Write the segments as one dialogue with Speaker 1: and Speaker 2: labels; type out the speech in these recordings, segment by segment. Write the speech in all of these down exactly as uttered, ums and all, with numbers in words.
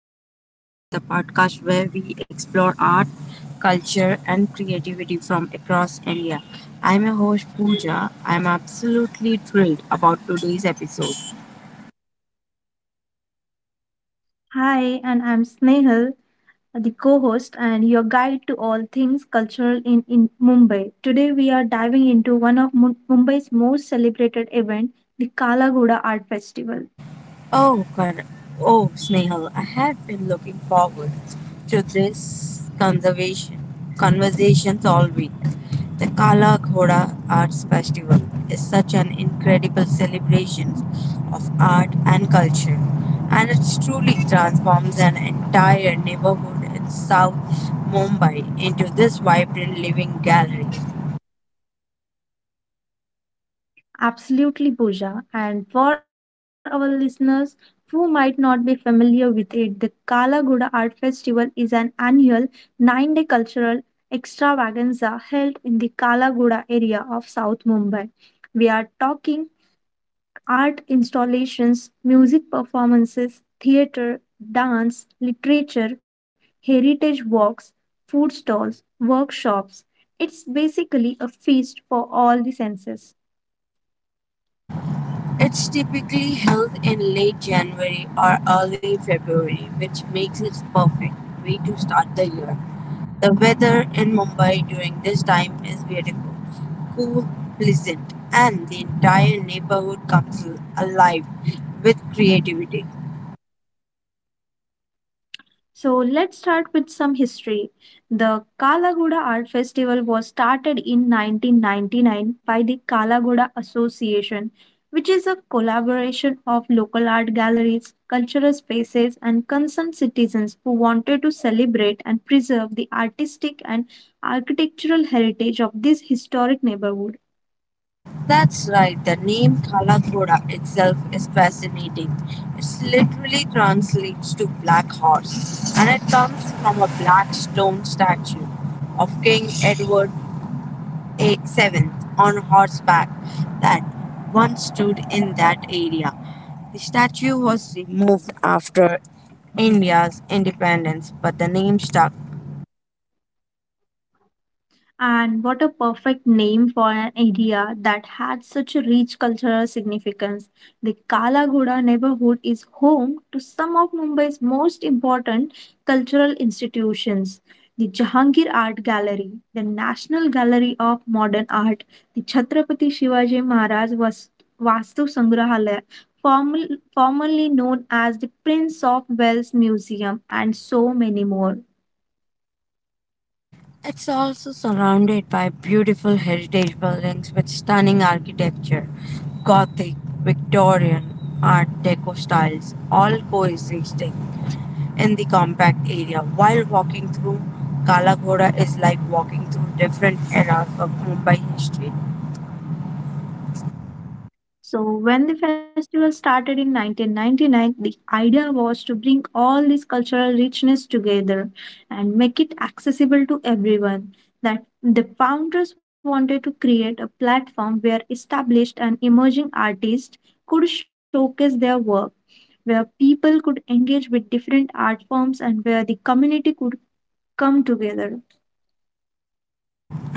Speaker 1: Cultural Connect, the podcast where we explore art, culture, and creativity from across India. I'm your host, Pooja. I'm absolutely thrilled about today's episode.
Speaker 2: Hi, and I'm Snehal, the co host and your guide to all things cultural in, in Mumbai. Today, we are diving into one of Mu- Mumbai's most celebrated event, the Kalagoda Art Festival.
Speaker 1: Oh, correct. Oh, Snehal, I have been looking forward to this conservation conversations all week. The Kala Ghoda Arts Festival is such an incredible celebration of art and culture, and it truly transforms an entire neighborhood in South Mumbai into this vibrant living gallery.
Speaker 2: Absolutely, Pooja. And for our listeners who might not be familiar with it, the Kalagoda Art Festival is an annual nine day cultural extravaganza held in the Kalagoda area of South Mumbai. We are talking art installations, music performances, theater, dance, literature, heritage walks, food stalls, workshops. It's basically a feast for all the senses.
Speaker 1: It's typically held in late January or early February, which makes it perfect way to start the year. The weather in Mumbai during this time is beautiful, cool, pleasant, and the entire neighborhood comes alive with creativity.
Speaker 2: So let's start with some history. The Kalagoda Art Festival was started in nineteen ninety-nine by the Kalagoda Association, which is a collaboration of local art galleries, cultural spaces, and concerned citizens who wanted to celebrate and preserve the artistic and architectural heritage of this historic neighborhood.
Speaker 1: That's right, the name Kalakoda itself is fascinating. It literally translates to black horse, and it comes from a black stone statue of King Edward eight, seventh on horseback that once stood in that area. The statue was removed after India's independence, but the name stuck.
Speaker 2: And what a perfect name for an area that had such a rich cultural significance. The Kalagoda neighborhood is home to some of Mumbai's most important cultural institutions. The Jahangir Art Gallery, the National Gallery of Modern Art, the Chhatrapati Shivaji Maharaj Vas- Vastu Sangrahalaya, formal- formerly known as the Prince of Wales Museum, and so many more.
Speaker 1: It's also surrounded by beautiful heritage buildings with stunning architecture, Gothic, Victorian, Art Deco styles, all coexisting in the compact area. While walking through Kala Ghoda is like walking through different eras of Mumbai history,
Speaker 2: So, when the festival started in nineteen ninety-nine, the idea was to bring all this cultural richness together and make it accessible to everyone. That the founders wanted to create a platform where established and emerging artists could showcase their work, where people could engage with different art forms, and where the community could come together.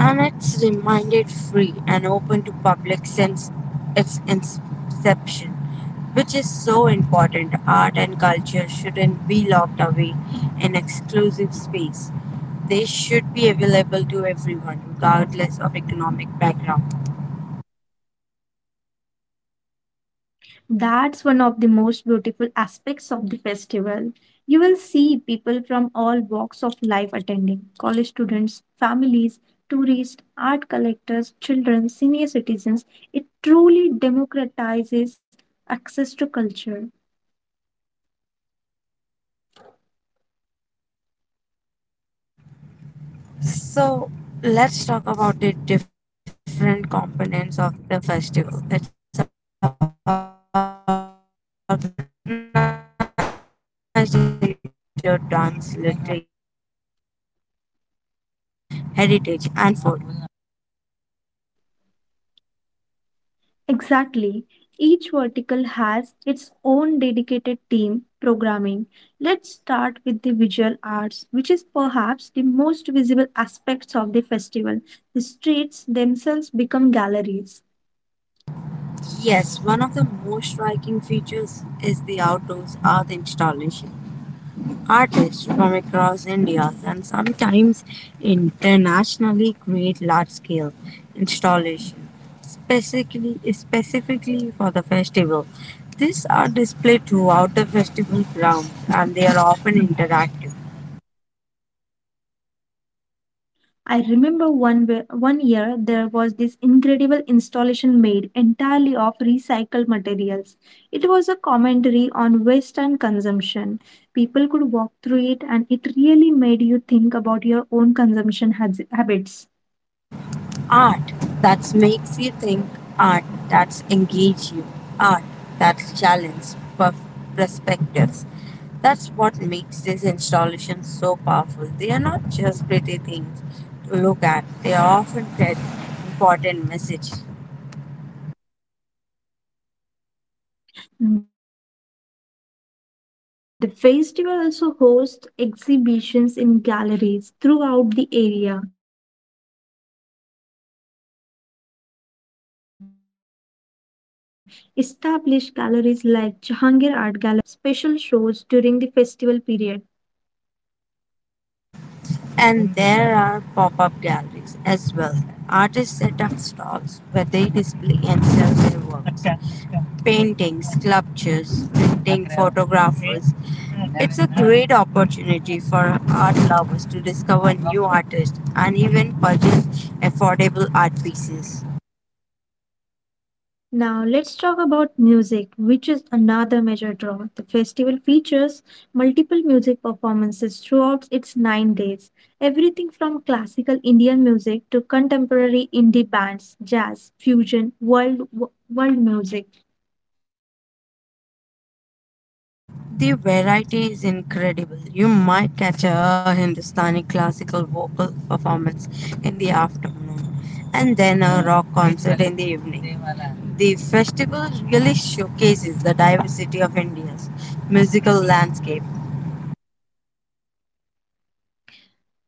Speaker 1: and it's reminded free and open to public since its inception, which is so important. Art and culture shouldn't be locked away in exclusive space. They should be available to everyone, regardless of economic background.
Speaker 2: That's one of the most beautiful aspects of the festival. You will see people from all walks of life attending college students, families, tourists, art collectors, children, senior citizens. It truly democratizes access to culture.
Speaker 1: So let's talk about the different components of the festival. It's organized into several verticals, right? Visual arts, music, theater, dance, literature, cinema, heritage, and food.
Speaker 2: Exactly. Each vertical has its own dedicated team programming. Let's start with the visual arts, which is perhaps the most visible aspects of the festival. The streets themselves become galleries.
Speaker 1: Yes, one of the most striking features is the outdoors art installation. Artists from across India and sometimes internationally create large scale installations specifically, specifically for the festival. These are displayed throughout the festival grounds and they are often interactive.
Speaker 2: I remember one where, one year there was this incredible installation made entirely of recycled materials. It was a commentary on waste and consumption. People could walk through it and it really made you think about your own consumption has- habits.
Speaker 1: Art that makes you think, art that's engage you, art that's challenge perf- perspectives. That's what makes these installations so powerful. They are not just pretty things to look at, they often carry important message.
Speaker 2: The festival also hosts exhibitions in galleries throughout the area. Established galleries like Jahangir Art Gallery, Simroza Art Gallery, and others put up special shows during the festival period.
Speaker 1: And there are pop-up galleries as well. Artists set up stalls where they display and sell their works: paintings, sculptures, printing, photographers. It's a great opportunity for art lovers to discover new artists and even purchase affordable art pieces.
Speaker 2: Now, let's talk about music, which is another major draw. The festival features multiple music performances throughout its nine days. Everything from classical Indian music to contemporary indie bands, jazz, fusion, world, world music.
Speaker 1: The variety is incredible. You might catch a Hindustani classical vocal performance in the afternoon and then a rock concert in the evening. The festival really showcases the diversity of India's musical landscape.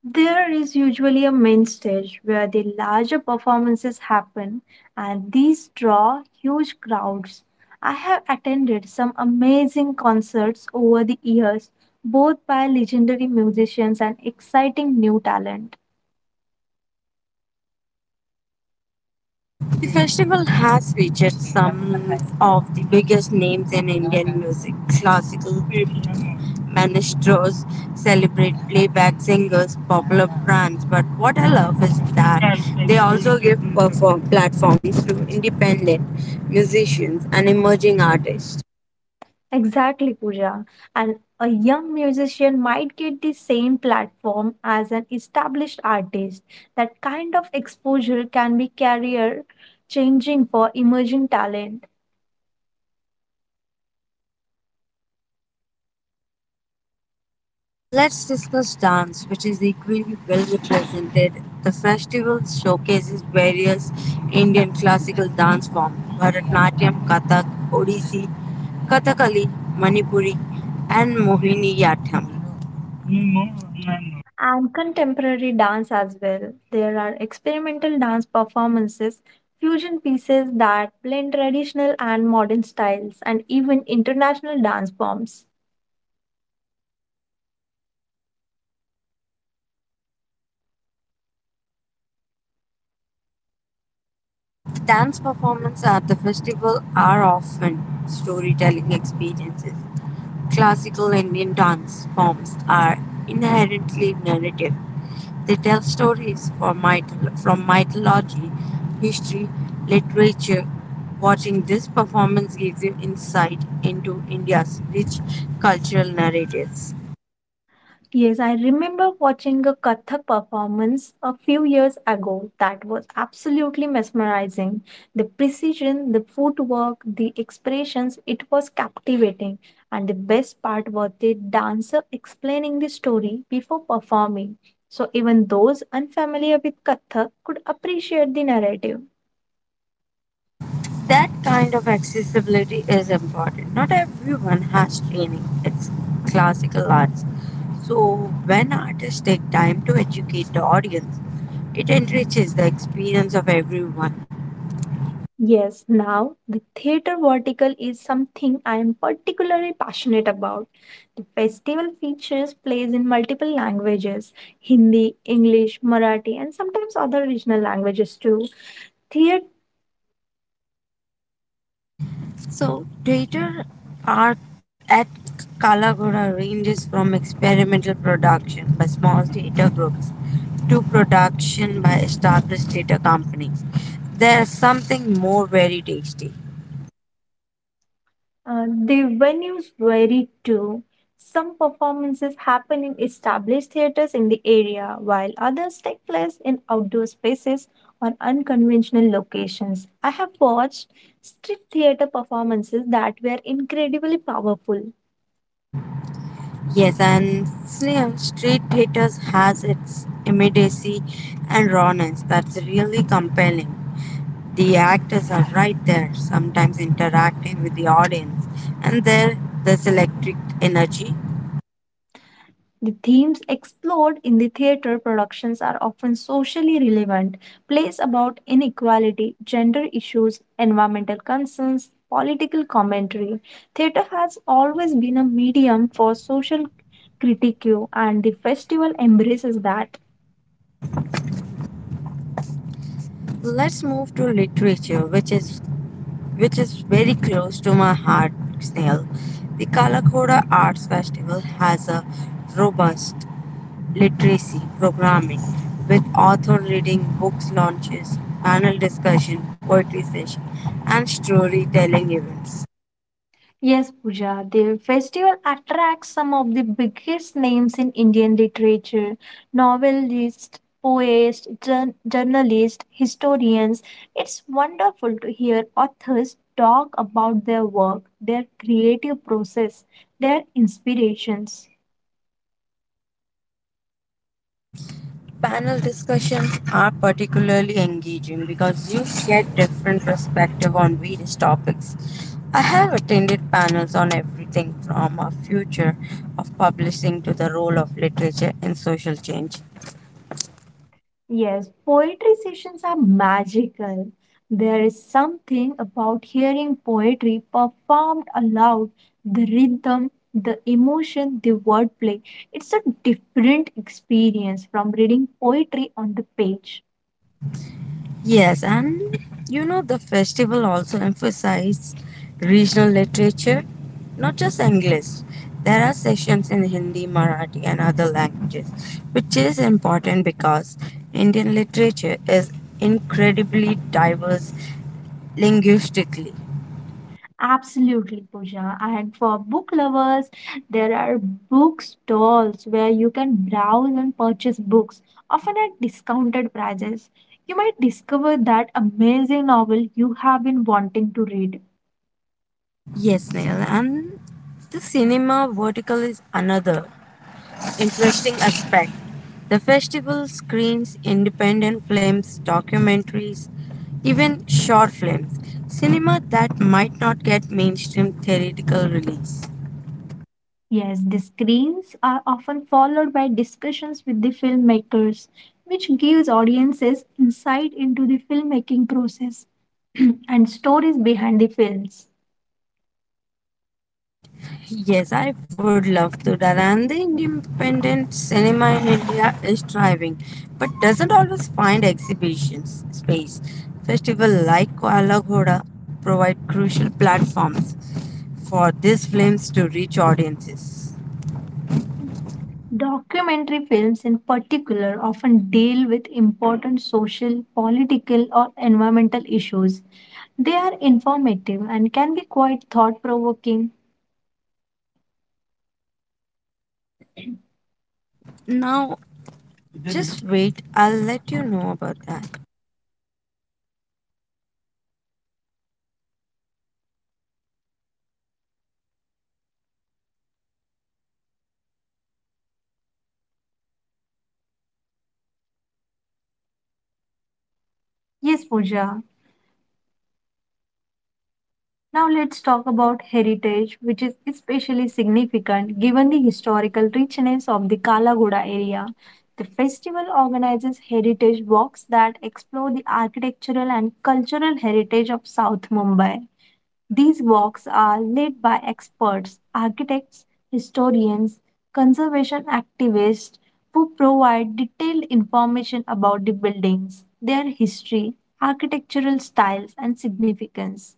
Speaker 2: There is usually a main stage where the larger performances happen, and these draw huge crowds. I have attended some amazing concerts over the years, both by legendary musicians and exciting new talent.
Speaker 1: The festival has featured some of the biggest names in Indian music. Classical maestros celebrate playback singers, popular brands. But what I love is that they also give perform platforms to independent musicians and emerging artists.
Speaker 2: Exactly, Pooja. And a young musician might get the same platform as an established artist. That kind of exposure can be career changing for emerging talent.
Speaker 1: Uh, Let's discuss dance, which is equally well represented. The festival showcases various Indian classical dance forms: Bharatanatyam, Kathak, Odissi, Kathakali, Manipuri, and Mohiniyattam.
Speaker 2: And contemporary dance as well. There are experimental dance performances, fusion pieces that blend traditional and modern styles, and even international dance forms.
Speaker 1: Dance performances at the festival are often storytelling experiences. Classical Indian dance forms are inherently narrative. They tell stories from, myth- from mythology, history, literature. Watching this performance gives you insight into India's rich cultural narratives.
Speaker 2: Yes, I remember watching a Kathak performance a few years ago that was absolutely mesmerizing. The precision, the footwork, the expressions, it was captivating. And the best part was the dancer explaining the story before performing. So even those unfamiliar with Kathak could appreciate the narrative.
Speaker 1: That kind of accessibility is important. Not everyone has training. It's classical arts. So when artists take time to educate the audience, it enriches the experience of everyone.
Speaker 2: Yes, now the theater vertical is something I am particularly passionate about. The festival features plays in multiple languages Hindi, English, Marathi, and sometimes other regional languages too. Theater.
Speaker 1: So theater art at Kalagura ranges from experimental production by small theater groups to production by established theater companies. There's something more very tasty.
Speaker 2: Uh, the venues vary too. Some performances happen in established theaters in the area, while others take place in outdoor spaces or unconventional locations. I have watched street theater performances that were incredibly powerful.
Speaker 1: Yes, and Snail Street Theaters has its immediacy and rawness that's really compelling. The actors are right there, sometimes interacting with the audience, and there there's electric energy.
Speaker 2: The themes explored in the theater productions are often socially relevant, plays about inequality, gender issues, environmental concerns, political commentary. Theater has always been a medium for social critique, and the festival embraces that.
Speaker 1: Let's move to literature, which is which is very close to my heart, Snail. The Kalakoda Arts Festival has a robust literacy, programming, with author reading, books launches, panel discussion, poetry session, and storytelling events.
Speaker 2: Yes, Pooja, the festival attracts some of the biggest names in Indian literature novelists, poets, jour- journalists, historians. It's wonderful to hear authors talk about their work, their creative process, their inspirations.
Speaker 1: Panel discussions are particularly engaging because you share different perspective on various topics. I have attended panels on everything from a future of publishing to the role of literature in social change.
Speaker 2: Yes, poetry sessions are magical. There is something about hearing poetry performed aloud, the rhythm, the emotion, the wordplay. It's a different experience from reading poetry on the page.
Speaker 1: Yes, and you know, the festival also emphasizes regional literature, not just English. There are sections in Hindi, Marathi, and other languages, which is important because Indian literature is incredibly diverse linguistically.
Speaker 2: Absolutely, Pooja. And for book lovers, there are bookstores where you can browse and purchase books, often at discounted prices. You might discover that amazing novel you have been wanting to read.
Speaker 1: Yes, Neil, and the cinema vertical is another interesting aspect. The festival screens independent films, documentaries, even short films, cinema that might not get mainstream theatrical release.
Speaker 2: Yes, the screens are often followed by discussions with the filmmakers, which gives audiences insight into the filmmaking process and stories behind the films.
Speaker 1: Yes, I would love to that. And the independent cinema in India is thriving, but doesn't always find exhibitions space. Festival like Koala Ghoda provide crucial platforms for these films to reach audiences.
Speaker 2: Documentary films, in particular, often deal with important social, political, or environmental issues. They are informative and can be quite thought provoking.
Speaker 1: Now, just wait, I'll let you know about that.
Speaker 2: Yes, Pooja. Now let's talk about heritage, which is especially significant given the historical richness of the Kalaguda area. The festival organizes heritage walks that explore the architectural and cultural heritage of South Mumbai. These walks are led by experts, architects, historians, conservation activists who provide detailed information about the buildings, their history, architectural styles, and significance.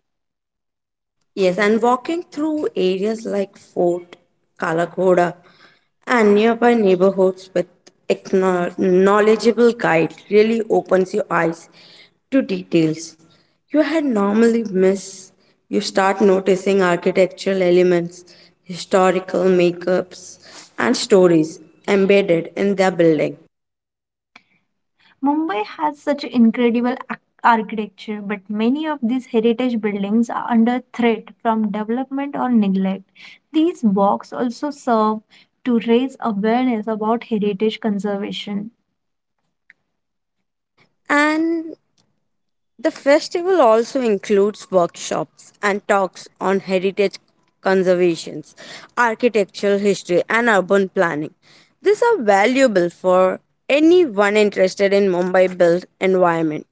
Speaker 1: Yes, and walking through areas like Fort Kalakoda and nearby neighborhoods with acknow- knowledgeable guide really opens your eyes to details you had normally miss. You start noticing architectural elements, historical makeups, and stories embedded in their building.
Speaker 2: Mumbai has such incredible ac- architecture, but many of these heritage buildings are under threat from development or neglect. These walks also serve to raise awareness about heritage conservation.
Speaker 1: And the festival also includes workshops and talks on heritage conservations, architectural history, and urban planning. These are valuable for anyone interested in Mumbai built environment.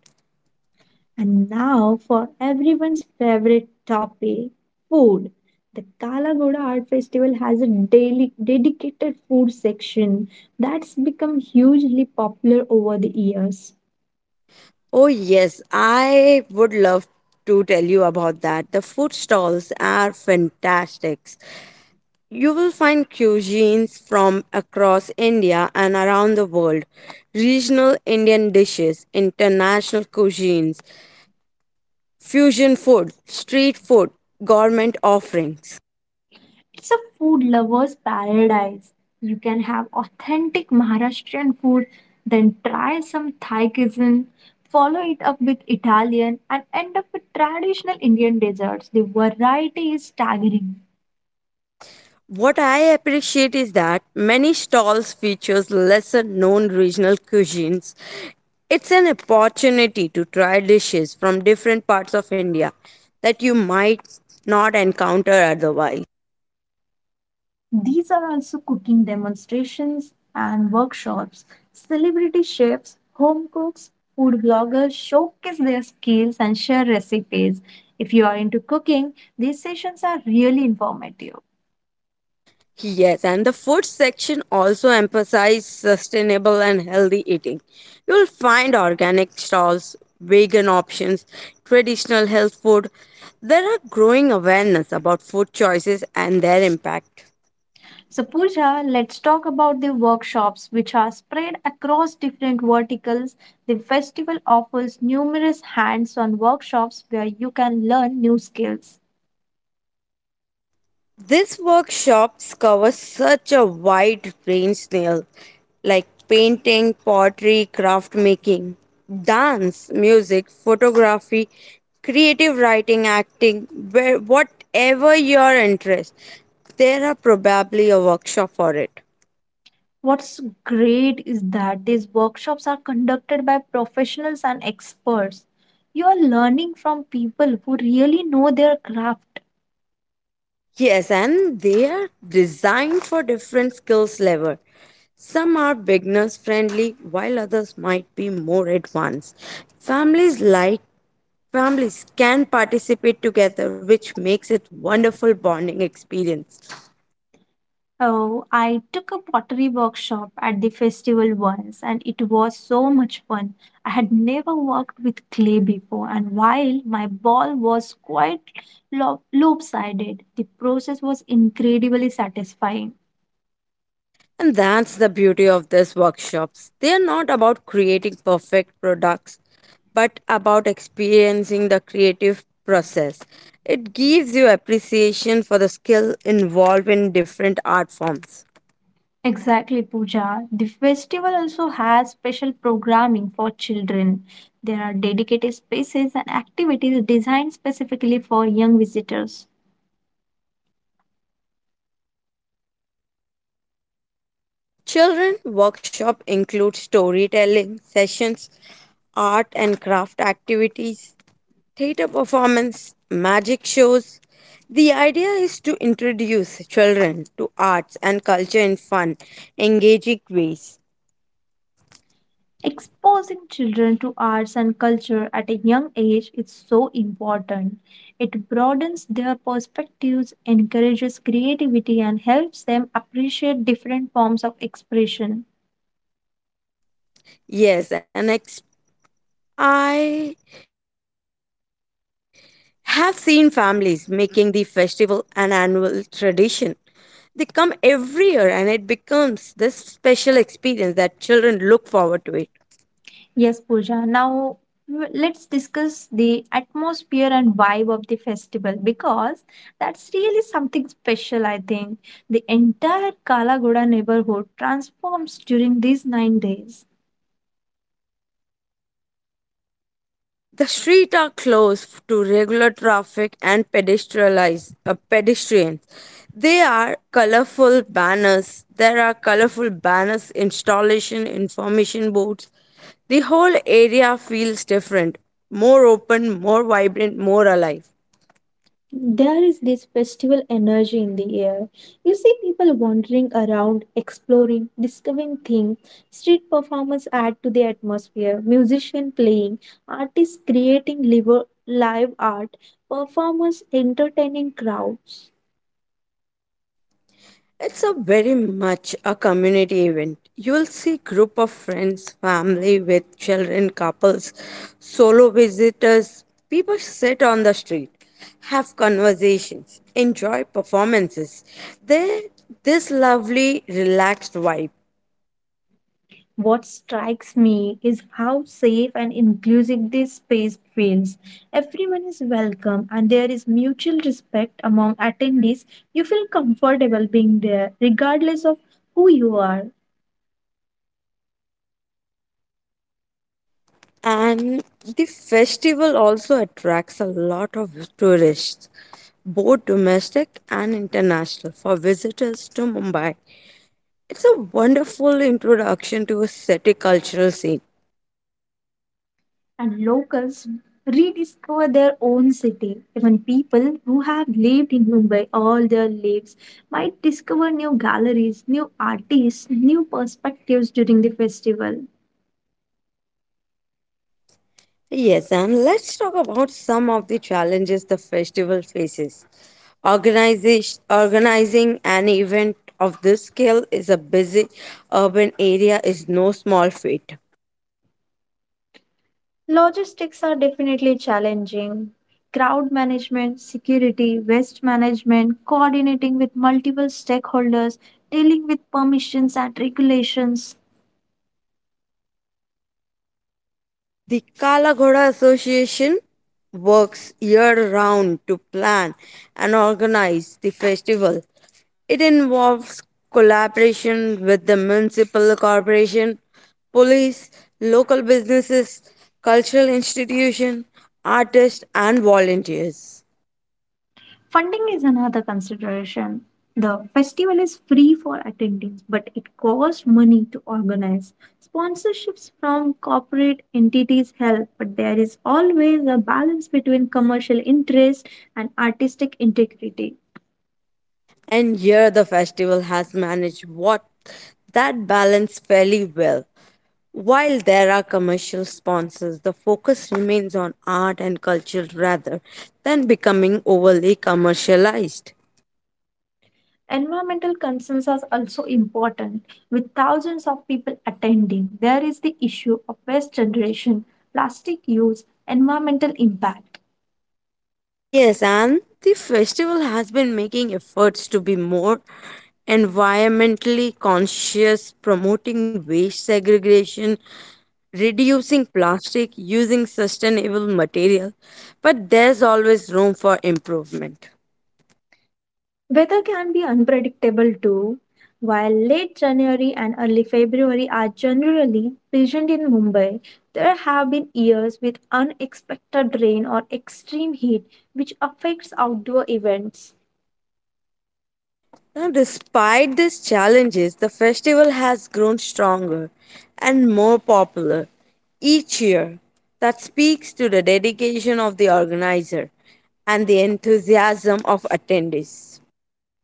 Speaker 2: And now for everyone's favorite topic, food. The Kalagoda Art Festival has a daily dedicated food section that's become hugely popular over the years.
Speaker 1: Oh yes, I would love to tell you about that. The food stalls are fantastic. You will find cuisines from across India and around the world, regional Indian dishes, international cuisines, fusion food, street food, gourmet offerings.
Speaker 2: It's a food lover's paradise. You can have authentic Maharashtrian food, then try some Thai cuisine, follow it up with Italian, and end up with traditional Indian desserts. The variety is staggering.
Speaker 1: What I appreciate is that many stalls features lesser known regional cuisines. It's an opportunity to try dishes from different parts of India that you might not encounter otherwise.
Speaker 2: These are also cooking demonstrations and workshops. Celebrity chefs, home cooks, food bloggers showcase their skills and share recipes. If you are into cooking, these sessions are really informative.
Speaker 1: Yes, and the food section also emphasizes sustainable and healthy eating. You'll find organic stalls, vegan options, traditional health food. There are growing awareness about food choices and their impact.
Speaker 2: So, Pooja, let's talk about the workshops which are spread across different verticals. The festival offers numerous hands on workshops where you can learn new skills.
Speaker 1: These workshops cover such a wide range now, like painting, pottery, craft making, dance, music, photography, creative writing, acting, where, whatever your interest. There are probably a workshop for it.
Speaker 2: What's great is that these workshops are conducted by professionals and experts. You are learning from people who really know their craft.
Speaker 1: Yes, and they are designed for different skills level. Some are beginners friendly, while others might be more advanced. Families like Families can participate together, which makes it wonderful bonding experience.
Speaker 2: Oh, I took a pottery workshop at the festival once and it was so much fun. I had never worked with clay before, and while my ball was quite lo- lopsided, the process was incredibly satisfying.
Speaker 1: And that's the beauty of these workshops. They are not about creating perfect products, but about experiencing the creative process. It gives you appreciation for the skill involved in different art forms.
Speaker 2: Exactly, Pooja. The festival also has special programming for children. There are dedicated spaces and activities designed specifically for young visitors.
Speaker 1: Children workshop include storytelling sessions, art and craft activities, theater performance, magic shows. The idea is to introduce children to arts and culture in fun, engaging ways.
Speaker 2: Exposing children to arts and culture at a young age is so important. It broadens their perspectives, encourages creativity, and helps them appreciate different forms of expression.
Speaker 1: Yes, and ex- I have seen families making the festival an annual tradition. They come every year and it becomes this special experience that children look forward to it.
Speaker 2: Yes, Pooja. Now w- let's discuss the atmosphere and vibe of the festival because that's really something special, I think. The entire Kalagoda neighborhood transforms during these nine days.
Speaker 1: The streets are closed to regular traffic and pedestrianize, uh, pedestrians. There are colorful banners. There are colorful banners, installation, information boards. The whole area feels different, more open, more vibrant, more alive.
Speaker 2: There is this festival energy in the air. You see people wandering around, exploring, discovering things. Street performers add to the atmosphere, musicians playing, artists creating live, live art, performers entertaining crowd.
Speaker 1: It's a very much a community event. You will see group of friends, family with children, couples, solo visitors. People sit on the street, have conversations, enjoy performances. There, this lovely, relaxed vibe.
Speaker 2: What strikes me is how safe and inclusive this space feels. Everyone is welcome and there is mutual respect among attendees. You feel comfortable being there, regardless of who you are.
Speaker 1: And the festival also attracts a lot of tourists, both domestic and international, for visitors to Mumbai. It's a wonderful introduction to a city cultural scene.
Speaker 2: And locals rediscover their own city. Even people who have lived in Mumbai all their lives might discover new galleries, new artists, new perspectives during the festival.
Speaker 1: Yes, and let's talk about some of the challenges the festival faces. Organization, organizing an event of this scale is a busy urban area is no small feat.
Speaker 2: Logistics are definitely challenging. Crowd management, security, waste management, coordinating with multiple stakeholders, dealing with permissions and regulations.
Speaker 1: The Kalagoda Association works year round to plan and organize the festival. It involves collaboration with the municipal corporation, police, local businesses, cultural institution, artists and volunteers.
Speaker 2: Funding is another consideration. The festival is free for attendees, but it costs money to organize. Sponsorships from corporate entities help, but there is always a balance between commercial interest and artistic integrity.
Speaker 1: And here the festival has managed what that balance fairly well. While there are commercial sponsors, the focus remains on art and culture rather than becoming overly commercialized.
Speaker 2: Environmental concerns are also important. With thousands of people attending, there is the issue of waste generation, plastic use, environmental impact.
Speaker 1: Yes, and the festival has been making efforts to be more environmentally conscious, promoting waste segregation, reducing plastic, using sustainable material, but there's always room for improvement.
Speaker 2: Weather can be unpredictable too. While late January and early February are generally pleasant in Mumbai, there have been years with unexpected rain or extreme heat, which affects outdoor events.
Speaker 1: Now, despite these challenges, the festival has grown stronger and more popular each year. That speaks to the dedication of the organizer and the enthusiasm of attendees.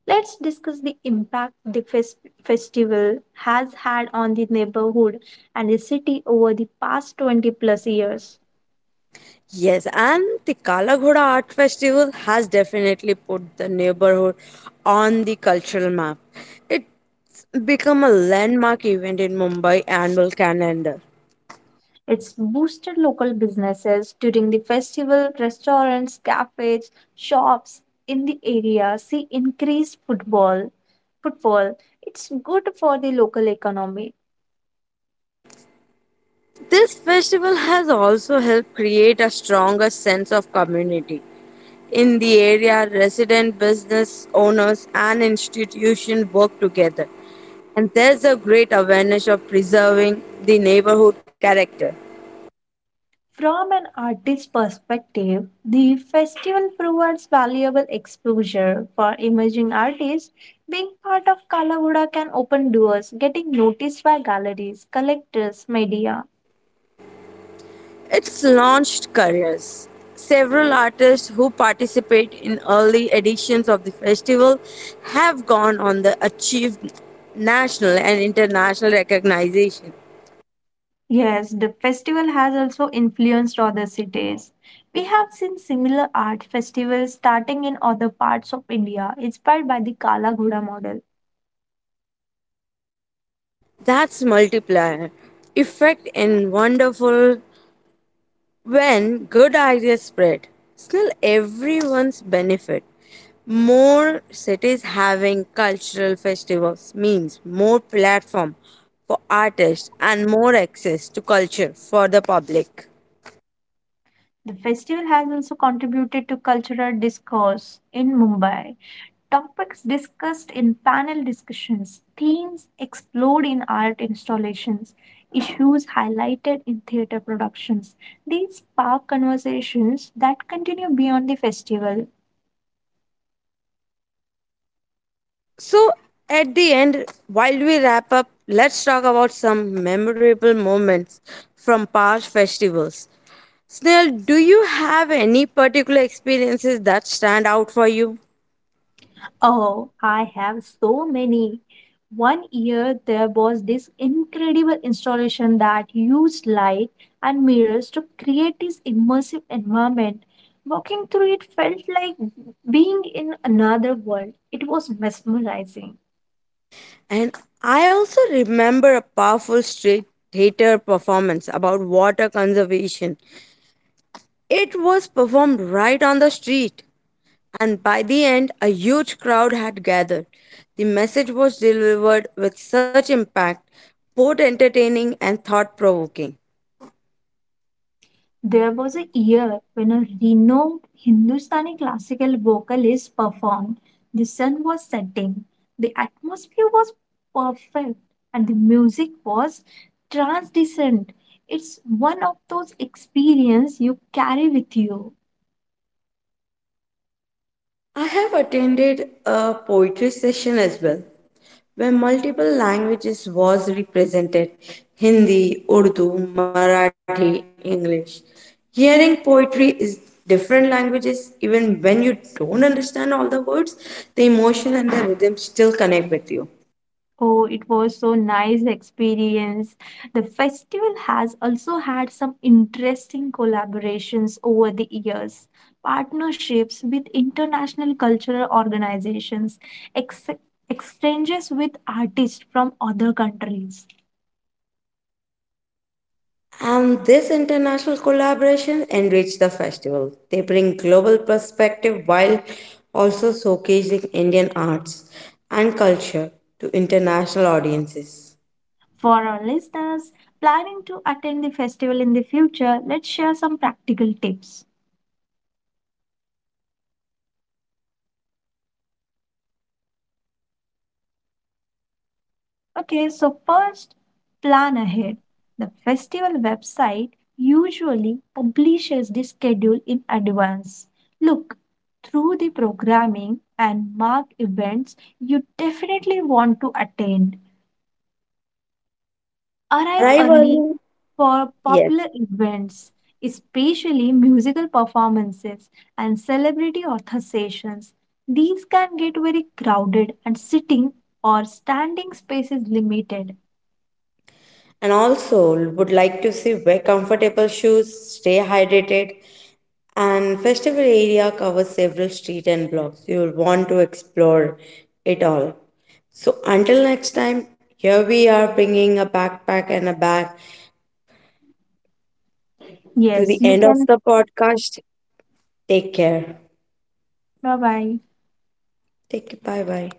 Speaker 2: Let's discuss the impact the fes- festival has had on the neighborhood and the city over the past twenty plus years.
Speaker 1: Yes, and the Kala Ghoda Art Festival has definitely put the neighborhood on the cultural map. It's become a landmark event in Mumbai annual calendar.
Speaker 2: It's boosted local businesses during the festival, restaurants, cafes, shops in the area see increased football footfall. It's good for the local economy.
Speaker 1: This festival has also helped create a stronger sense of community. In the area, resident business owners and institutions work together, and there's a great awareness of preserving the neighborhood character.
Speaker 2: From an artist's perspective, the festival provides valuable exposure for emerging artists. Being part of Kalavuda can open doors, getting noticed by galleries, collectors, media.
Speaker 1: It's launched careers. Several artists who participate in early editions of the festival have gone on to achieve national and international recognition.
Speaker 2: Yes, the festival has also influenced other cities. We have seen similar art festivals starting in other parts of India, inspired by the Kala Ghoda model.
Speaker 1: That's multiplier effect and wonderful when good ideas spread. Still everyone's benefit. More cities having cultural festivals means more platform for artists and more access to culture for the public.
Speaker 2: The festival has also contributed to cultural discourse in Mumbai. Topics discussed in panel discussions, themes explored in art installations, issues highlighted in theater productions. These spark conversations that continue beyond the festival.
Speaker 1: So, at the end, while we wrap up, let's talk about some memorable moments from past festivals. Snail, do you have any particular experiences that stand out for you?
Speaker 2: Oh, I have so many. One year there was this incredible installation that used light and mirrors to create this immersive environment. Walking through it felt like being in another world. It was mesmerizing.
Speaker 1: And I also remember a powerful street theater performance about water conservation. It was performed right on the street, and by the end, a huge crowd had gathered. The message was delivered with such impact, both entertaining and thought provoking.
Speaker 2: There was a year when a renowned Hindustani classical vocalist performed. The sun was setting, the atmosphere was perfect, and the music was transcendent. It's one of those experiences you carry with you.
Speaker 1: I have attended a poetry session as well, where multiple languages was represented: Hindi, Urdu, Marathi, English. Hearing poetry is different languages, even when you don't understand all the words, the emotion and the rhythm still connect with you.
Speaker 2: Oh, it was so nice experience. The festival has also had some interesting collaborations over the years, partnerships with international cultural organizations, ex- exchanges with artists from other countries.
Speaker 1: And this international collaboration enrich the festival. They bring global perspective while also showcasing Indian arts and culture to international audiences.
Speaker 2: For our listeners planning to attend the festival in the future, let's share some practical tips. Okay, so first, plan ahead. The festival website usually publishes the schedule in advance. Look, through the programming and mark events you definitely want to attend. Arrive
Speaker 1: Arrive
Speaker 2: early
Speaker 1: early,
Speaker 2: for
Speaker 1: yes.
Speaker 2: popular events, especially musical performances and celebrity author sessions. These can get very crowded and sitting or standing space is limited.
Speaker 1: And also would like to see wear comfortable shoes, stay hydrated, and festival area covers several street and blocks. You will want to explore it all. So until next time, here we are bringing a backpack and a bag to
Speaker 2: Yes,
Speaker 1: the
Speaker 2: you
Speaker 1: end of
Speaker 2: can.
Speaker 1: the podcast. Take care.
Speaker 2: Bye bye.
Speaker 1: Take care. Bye bye.